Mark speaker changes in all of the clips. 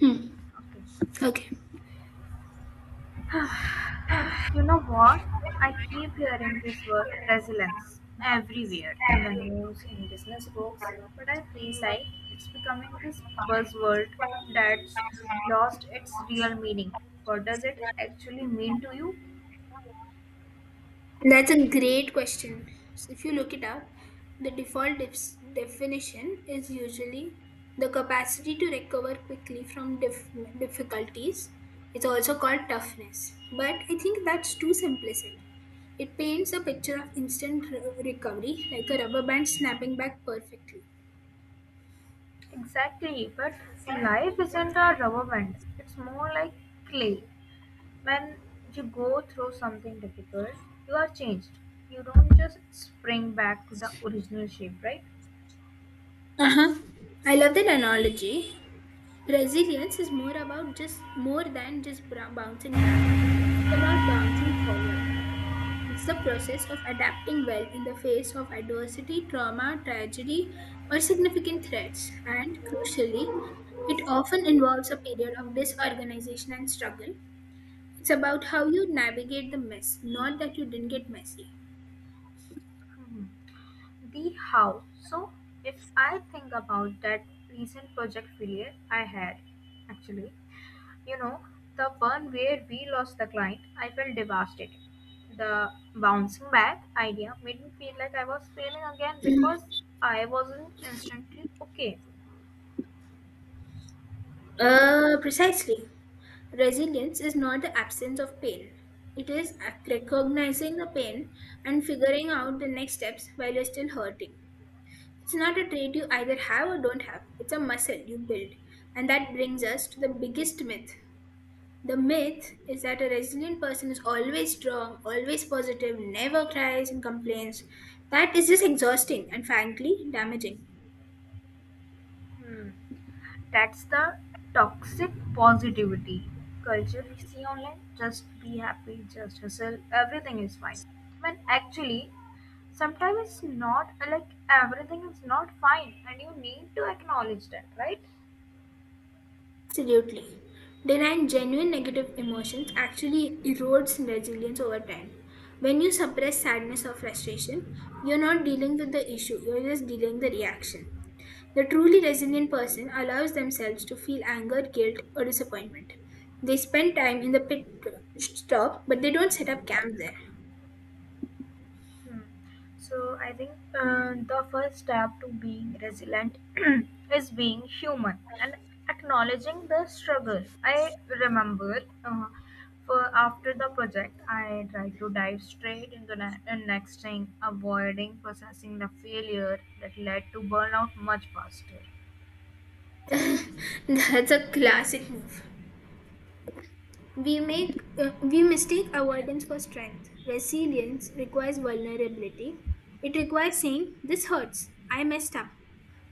Speaker 1: Hmm.
Speaker 2: Okay.
Speaker 1: Okay,
Speaker 2: You know what? I keep hearing this word resilience everywhere in the news, in business books, but I feel like it's becoming this buzzword that's lost its real meaning. What does it actually mean to you?
Speaker 1: that's a great question. So if you look it up, the default definition is usually the capacity to recover quickly from difficulties. It's also called toughness, but I think that's too simplistic. It paints a picture of instant recovery, like a rubber band snapping back perfectly.
Speaker 2: Exactly, but life isn't a rubber band, it's more like clay. When you go through something difficult, you are changed. You don't just spring back to the original shape, right?
Speaker 1: Uh-huh. I love that analogy. Resilience is more than just bouncing back. It's about bouncing forward. It's the process of adapting well in the face of adversity, trauma, tragedy, or significant threats. And crucially, it often involves a period of disorganization and struggle. It's about how you navigate the mess, not that you didn't get messy.
Speaker 2: Mhm. The how. So, if I think about that recent project failure I had, actually, you know, the one where we lost the client, I felt devastated. The bouncing back idea made me feel like I was failing again because I wasn't instantly okay.
Speaker 1: Precisely. Resilience is not the absence of pain. It is recognizing the pain and figuring out the next steps while you're still hurting. It's not a trait you either have or don't have, it's a muscle you build. And that brings us to the biggest myth. The myth is that a resilient person is always strong, always positive, never cries and complains. That is just exhausting and frankly damaging.
Speaker 2: Hmm. That's the toxic positivity culture we see online. Just be happy, just hustle, everything is fine. When actually, sometimes it's not like everything is not fine and you need to acknowledge that, right?
Speaker 1: Absolutely. Denying genuine negative emotions actually erodes resilience over time. When you suppress sadness or frustration, you're not dealing with the issue, you're just dealing the reaction. The truly resilient person allows themselves to feel anger, guilt, or disappointment. They spend time in the pit stop, but they don't set up camp there.
Speaker 2: Hmm. So I think the first step to being resilient is being human and acknowledging the struggle. I remember for after the project, I tried to dive straight into the next thing, avoiding processing the failure that led to burnout much faster.
Speaker 1: That's a classic move. We mistake avoidance for strength. Resilience requires vulnerability. It requires saying this hurts, I messed up,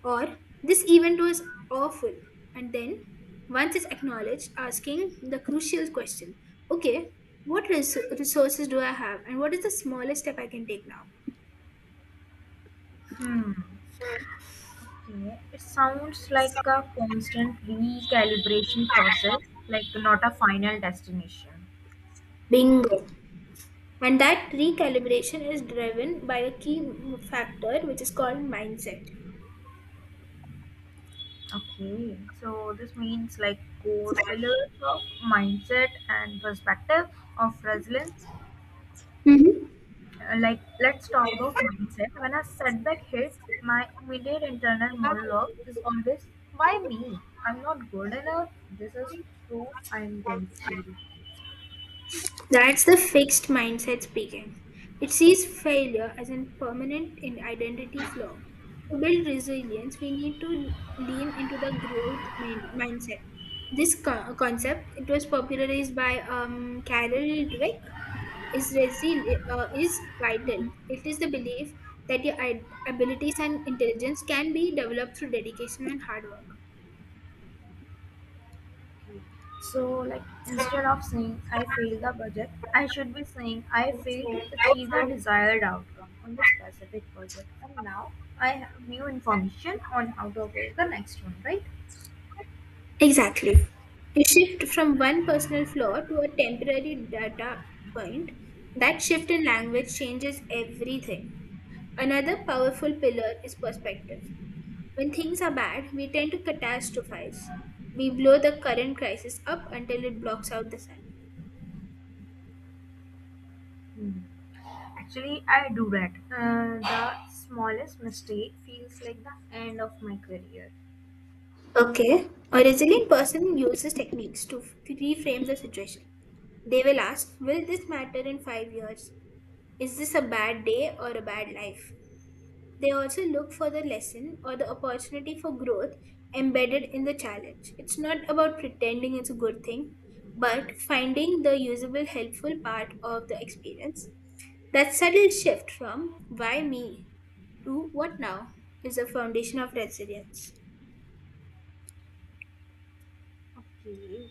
Speaker 1: or this event was awful. And then once it's acknowledged, asking the crucial question, okay, what resources do I have and what is the smallest step I can take now?
Speaker 2: Hmm. Okay. It sounds like a constant recalibration process, like not a final destination.
Speaker 1: Bingo. And that recalibration is driven by a key factor which is called mindset.
Speaker 2: Okay, so this means like core pillars of mindset and perspective of resilience.
Speaker 1: Mhm.
Speaker 2: Like, let's talk about mindset. When a setback hits, my immediate internal monologue is always, why me? I'm not good enough. This is proof I'm going to fail.
Speaker 1: That's the fixed mindset speaking. It sees failure as a permanent identity flaw. To build resilience, we need to lean into the growth mindset. This concept, it was popularized by Carol Dweck, is vital. It is the belief that your abilities and intelligence can be developed through dedication and hard work.
Speaker 2: So, like, instead of saying I failed the budget, I should be saying I failed to achieve the desired outcome on the specific project. And now I have new information on how to avoid the next one, right?
Speaker 1: Exactly. To shift from one personal flaw to a temporary data point, that shift in language changes everything. Another powerful pillar is perspective. When things are bad, we tend to catastrophize. We blow the current crisis up until it blocks out the sun.
Speaker 2: Hmm. Actually, I do that. The smallest mistake feels like the end of my career.
Speaker 1: Okay, a resilient person uses techniques to reframe the situation. They will ask, will this matter in 5 years? Is this a bad day or a bad life? They also look for the lesson or the opportunity for growth embedded in the challenge. It's not about pretending it's a good thing, but finding the usable, helpful part of the experience. That subtle shift from why me to what now is the foundation of resilience.
Speaker 2: Okay.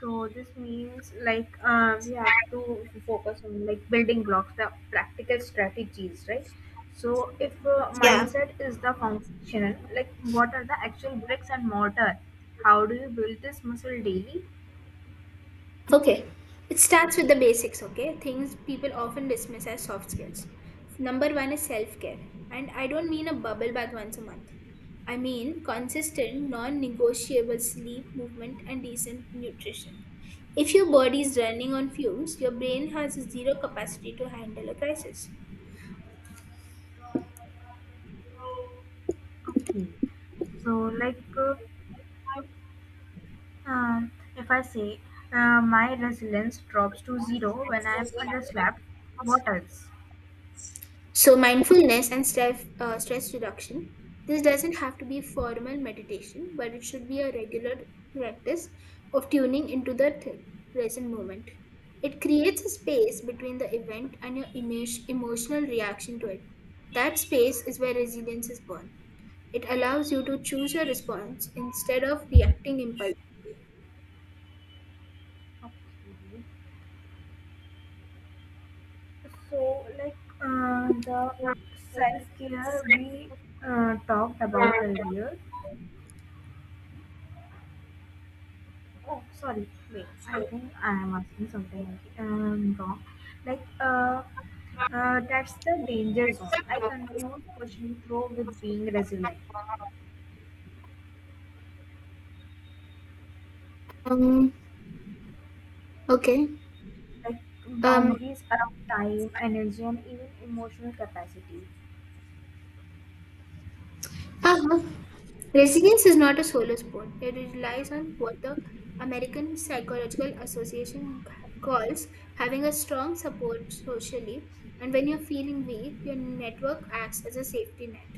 Speaker 2: So this means like we have to focus on like building blocks, the practical strategies, right? So if mindset is the foundation, like what are the actual bricks and mortar? How do you build this muscle daily?
Speaker 1: Okay, it starts with the basics, okay? Things people often dismiss as soft skills. Number one is self care. And I don't mean a bubble bath once a month. I mean consistent, non negotiable sleep, movement, and decent nutrition. If your body is running on fumes, your brain has zero capacity to handle a crisis.
Speaker 2: Okay. So, like, um, if I say my resilience drops to zero when I'm underslapped, what else?
Speaker 1: So, mindfulness and stress reduction. This doesn't have to be formal meditation, but it should be a regular practice of tuning into the present moment. It creates a space between the event and your emotional reaction to it. That space is where resilience is born. It allows you to choose your response instead of reacting impulsively.
Speaker 2: Okay. So, like the self care we talked about earlier. Oh, sorry. Wait, I think I am asking something wrong. Like, that's the danger zone. I confuse pushing through with being resilient.
Speaker 1: Um, okay.
Speaker 2: Like,
Speaker 1: Um,
Speaker 2: boundaries around time, energy, and even emotional capacity.
Speaker 1: uh-huh. Resilience is not a solo sport. It relies on what the American Psychological Association calls having a strong support socially. And when you're feeling weak, your network acts as a safety net.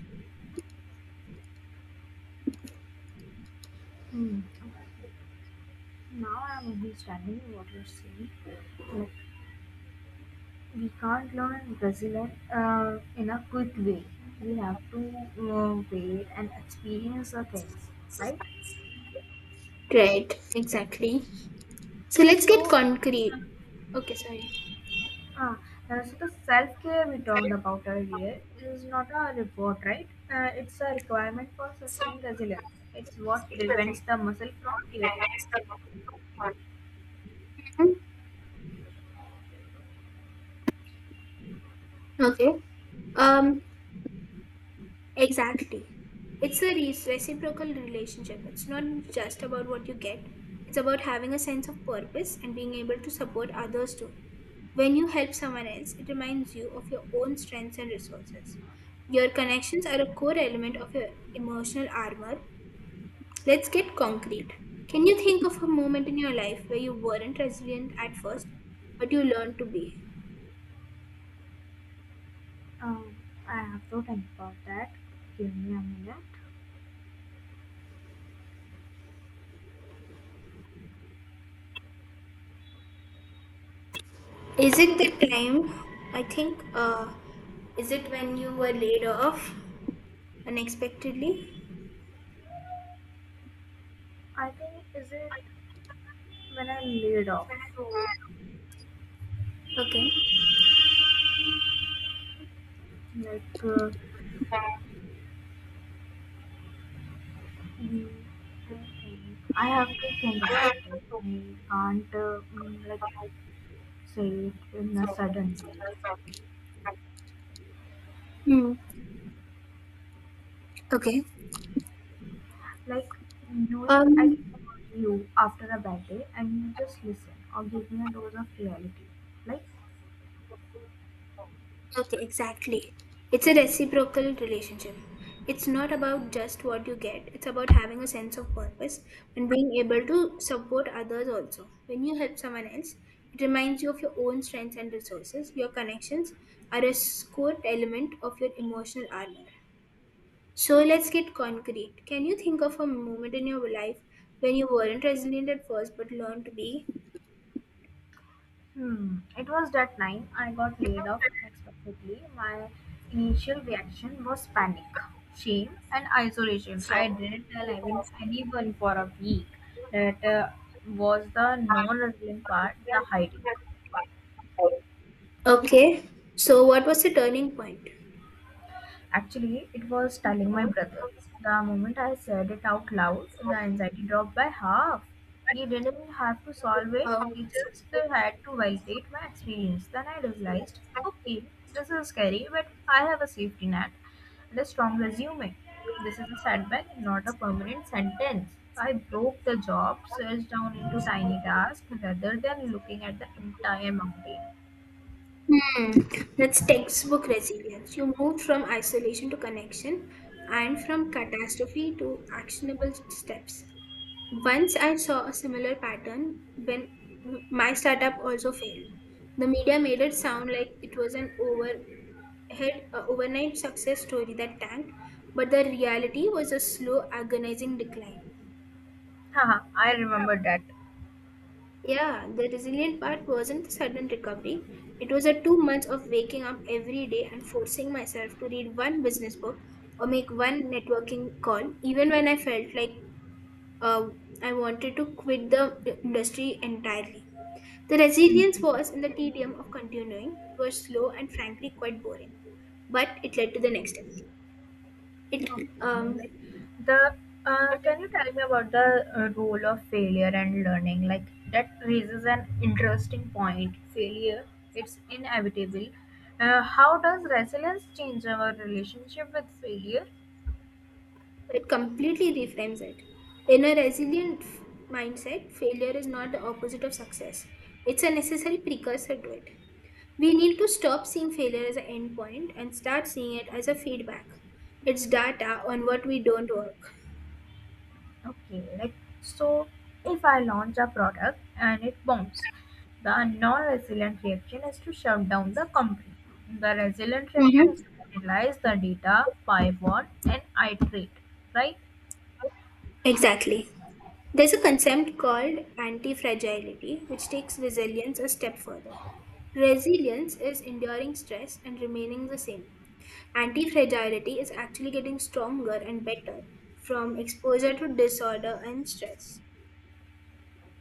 Speaker 2: Hmm. Now I'm understanding what you're saying. Like, we can't learn Brazilian in a quick way. We have to wait and experience the things, right?
Speaker 1: Right, exactly. So let's get
Speaker 2: So,
Speaker 1: concrete. Okay, sorry.
Speaker 2: uh, so the self care we talked about earlier is not a reward, right? It's a requirement for sustained resilience. It's what prevents the muscle from tearing.
Speaker 1: Mhm. Okay. Um, Exactly. It's a reciprocal relationship. It's not just about what you get, it's about having a sense of purpose and being able to support others too. When you help someone else, it reminds you of your own strengths and resources. Your connections are a core element of your emotional armor. Let's get concrete. Can you think of a moment in your life where you weren't resilient at first, but you learned to be?
Speaker 2: Um, I have to think about that. Give me a minute.
Speaker 1: Is it the time? I think, uh, is it when you were laid off unexpectedly?
Speaker 2: I think, is it when I laid off,
Speaker 1: Okay.
Speaker 2: like. Mm, I think I have to think about it. I can't like say it in a sudden way.
Speaker 1: Hmm. Okay.
Speaker 2: Like, knowing I
Speaker 1: Um,
Speaker 2: can call you after a bad day and you just listen or give me a dose of reality. Like,
Speaker 1: okay, exactly. It's a reciprocal relationship. It's not about just what you get, it's about having a sense of purpose and being able to support others also. When you help someone else, it reminds you of your own strengths and resources. Your connections are a core element of your emotional armor. So let's get concrete. Can you think of a moment in your life when you weren't resilient at first but learned to be?
Speaker 2: it was that time I got laid off unexpectedly. My initial reaction was panic, shame, and isolation. I didn't tell even anyone for a week. That was the non-revealing part, the hiding.
Speaker 1: Okay. So what was the turning point?
Speaker 2: Actually, it was telling my brother. The moment I said it out loud, the anxiety dropped by half. He didn't have to solve it, he just had to validate my experience. Then I realized, okay, this is scary, but I have a safety net and a strong resume. This is a setback, not a permanent sentence. I broke the job search down into tiny tasks rather than looking at the entire mountain.
Speaker 1: Hmm. That's textbook resilience. You moved from isolation to connection and from catastrophe to actionable steps. Once I saw a similar pattern when my startup also failed. The media made it sound like it was an over had an overnight success story that tanked, but the reality was a slow, agonizing decline.
Speaker 2: Haha, I remember that.
Speaker 1: Yeah, the resilient part wasn't the sudden recovery. It was a 2 months of waking up every day and forcing myself to read one business book or make one networking call, even when I felt like uh, I wanted to quit the industry entirely. The resilience
Speaker 2: Mhm.
Speaker 1: was in the tedium of continuing. It was slow and frankly quite boring, but it led to the next step. It
Speaker 2: Okay.
Speaker 1: um,
Speaker 2: Like the can you tell me about the role of failure and learning? Like that raises an interesting point. Failure, it's inevitable. How does resilience change our relationship with failure?
Speaker 1: It completely reframes it. In a resilient mindset, failure is not the opposite of success, it's a necessary precursor to it. We need to stop seeing failure as an endpoint and start seeing it as a feedback. It's data on what we don't work.
Speaker 2: Okay, like so, if I launch a product and it bombs, the non-resilient reaction is to shut down the company. The resilient
Speaker 1: Mhm.
Speaker 2: reaction is to analyze the data, pivot, and iterate. Right?
Speaker 1: Exactly. There's a concept called anti-fragility, which takes resilience a step further. Resilience is enduring stress and remaining the same. Anti-fragility is actually getting stronger and better from exposure to disorder and stress.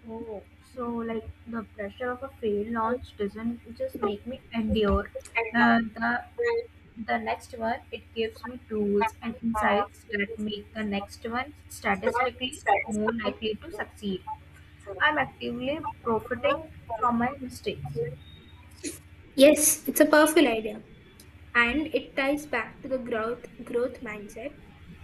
Speaker 2: Oh, so like the pressure of a failed launch doesn't just make me endure. Uh, the the next one, it gives me tools and insights that make the next one statistically more likely to succeed. I'm actively profiting from my mistakes.
Speaker 1: Yes, it's a powerful idea, and it ties back to the growth mindset.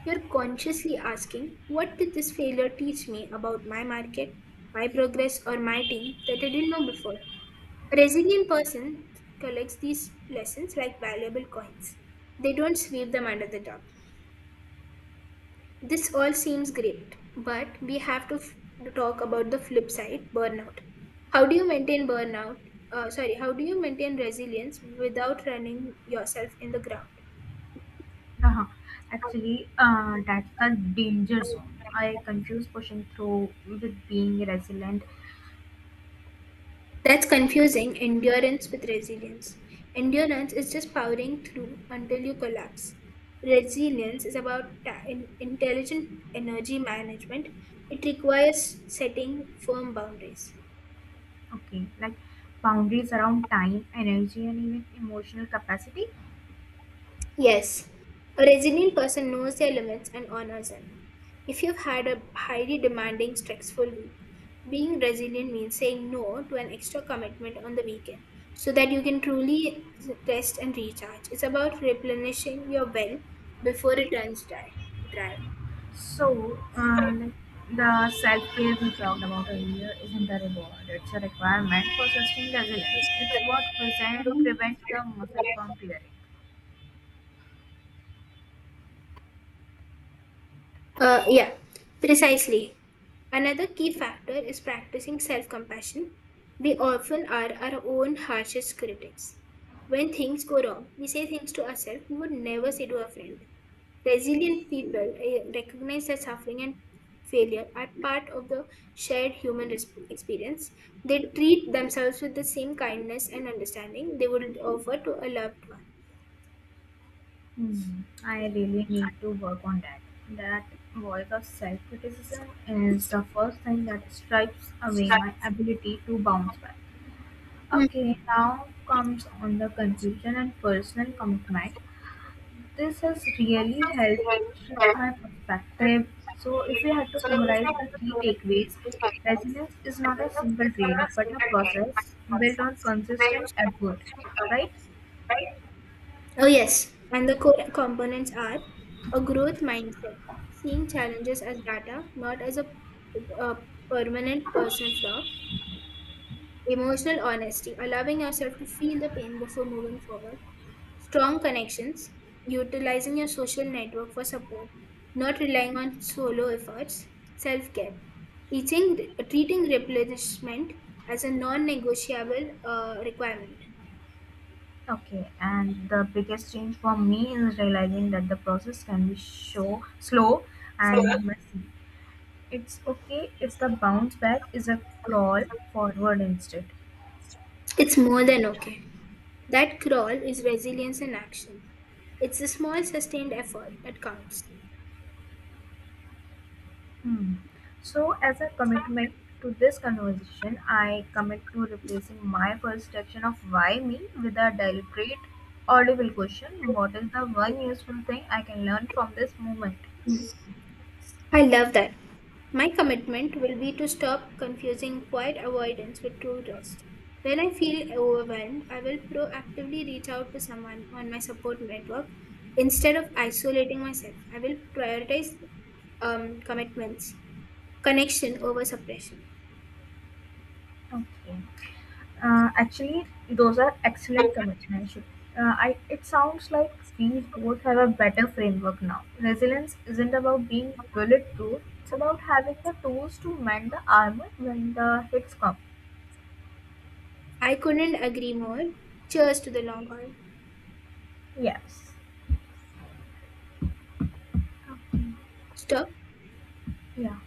Speaker 1: You're consciously asking, what did this failure teach me about my market, my progress, or my team that I didn't know before? A resilient person collects these lessons like valuable coins. They don't sweep them under the rug. This all seems great, but we have to talk about the flip side burnout. How do you maintain burnout? Sorry, how do you maintain resilience without running yourself in the ground?
Speaker 2: Uh-huh. Actually, that's the danger zone. I confuse pushing through with being resilient.
Speaker 1: That's confusing endurance with resilience. Endurance is just powering through until you collapse. Resilience is about intelligent energy management. It requires setting firm boundaries.
Speaker 2: Okay, like boundaries around time, energy, and even emotional capacity.
Speaker 1: Yes, a resilient person knows their limits and honors them. If you've had a highly demanding, stressful week, being resilient means saying no to an extra commitment on the weekend so that you can truly rest and recharge. It's about replenishing your well before it runs dry.
Speaker 2: So, like the self care we talked about earlier isn't a reward, it's a requirement for sustained resilience. It's what prevents the muscle from tearing.
Speaker 1: Uh, yeah, precisely. Another key factor is practicing self compassion. We often are our own harshest critics. When things go wrong, we say things to ourselves we would never say to a friend. Resilient people recognize that suffering and failure are part of the shared human experience. They treat themselves with the same kindness and understanding they would offer to a loved one.
Speaker 2: Hmm, I really need to work on that. That voice of self criticism is the first thing that stripes away my ability to bounce back. Okay, now comes on the conclusion and personal commitment. This has really helped shift my perspective. So, if we had to summarize the key takeaways, resilience is not a simple trait but a process built on consistent effort, right?
Speaker 1: Oh, yes. And the core components are a growth mindset, seeing challenges as data, not as a permanent person flaw, emotional honesty, allowing yourself to feel the pain before moving forward, strong connections, utilizing your social network for support, not relying on solo efforts, self care, teaching, treating replenishment as a non negotiable requirement.
Speaker 2: Okay, and the biggest change for me is realizing that the process can be slow and messy. It's okay if the bounce back is a crawl forward instead.
Speaker 1: It's more than okay. That crawl is resilience in action. It's the small sustained effort that counts.
Speaker 2: Hmm. So, as a commitment to this conversation, I commit to replacing my first section of why me with a deliberate, audible question: what is the one useful thing I can learn from this moment?
Speaker 1: I love that. My commitment will be to stop confusing quiet avoidance with true rest. When I feel overwhelmed, I will proactively reach out to someone on my support network. Instead of isolating myself, I will prioritize commitments, connection over suppression.
Speaker 2: Okay. Actually, those are excellent commitments, Shruti. It sounds like we both have a better framework now. Resilience isn't about being bulletproof, it's about having the tools to mend the armor when the hits come.
Speaker 1: I couldn't agree more. Cheers to the long haul.
Speaker 2: Yes. Okay.
Speaker 1: Stop
Speaker 2: Yeah.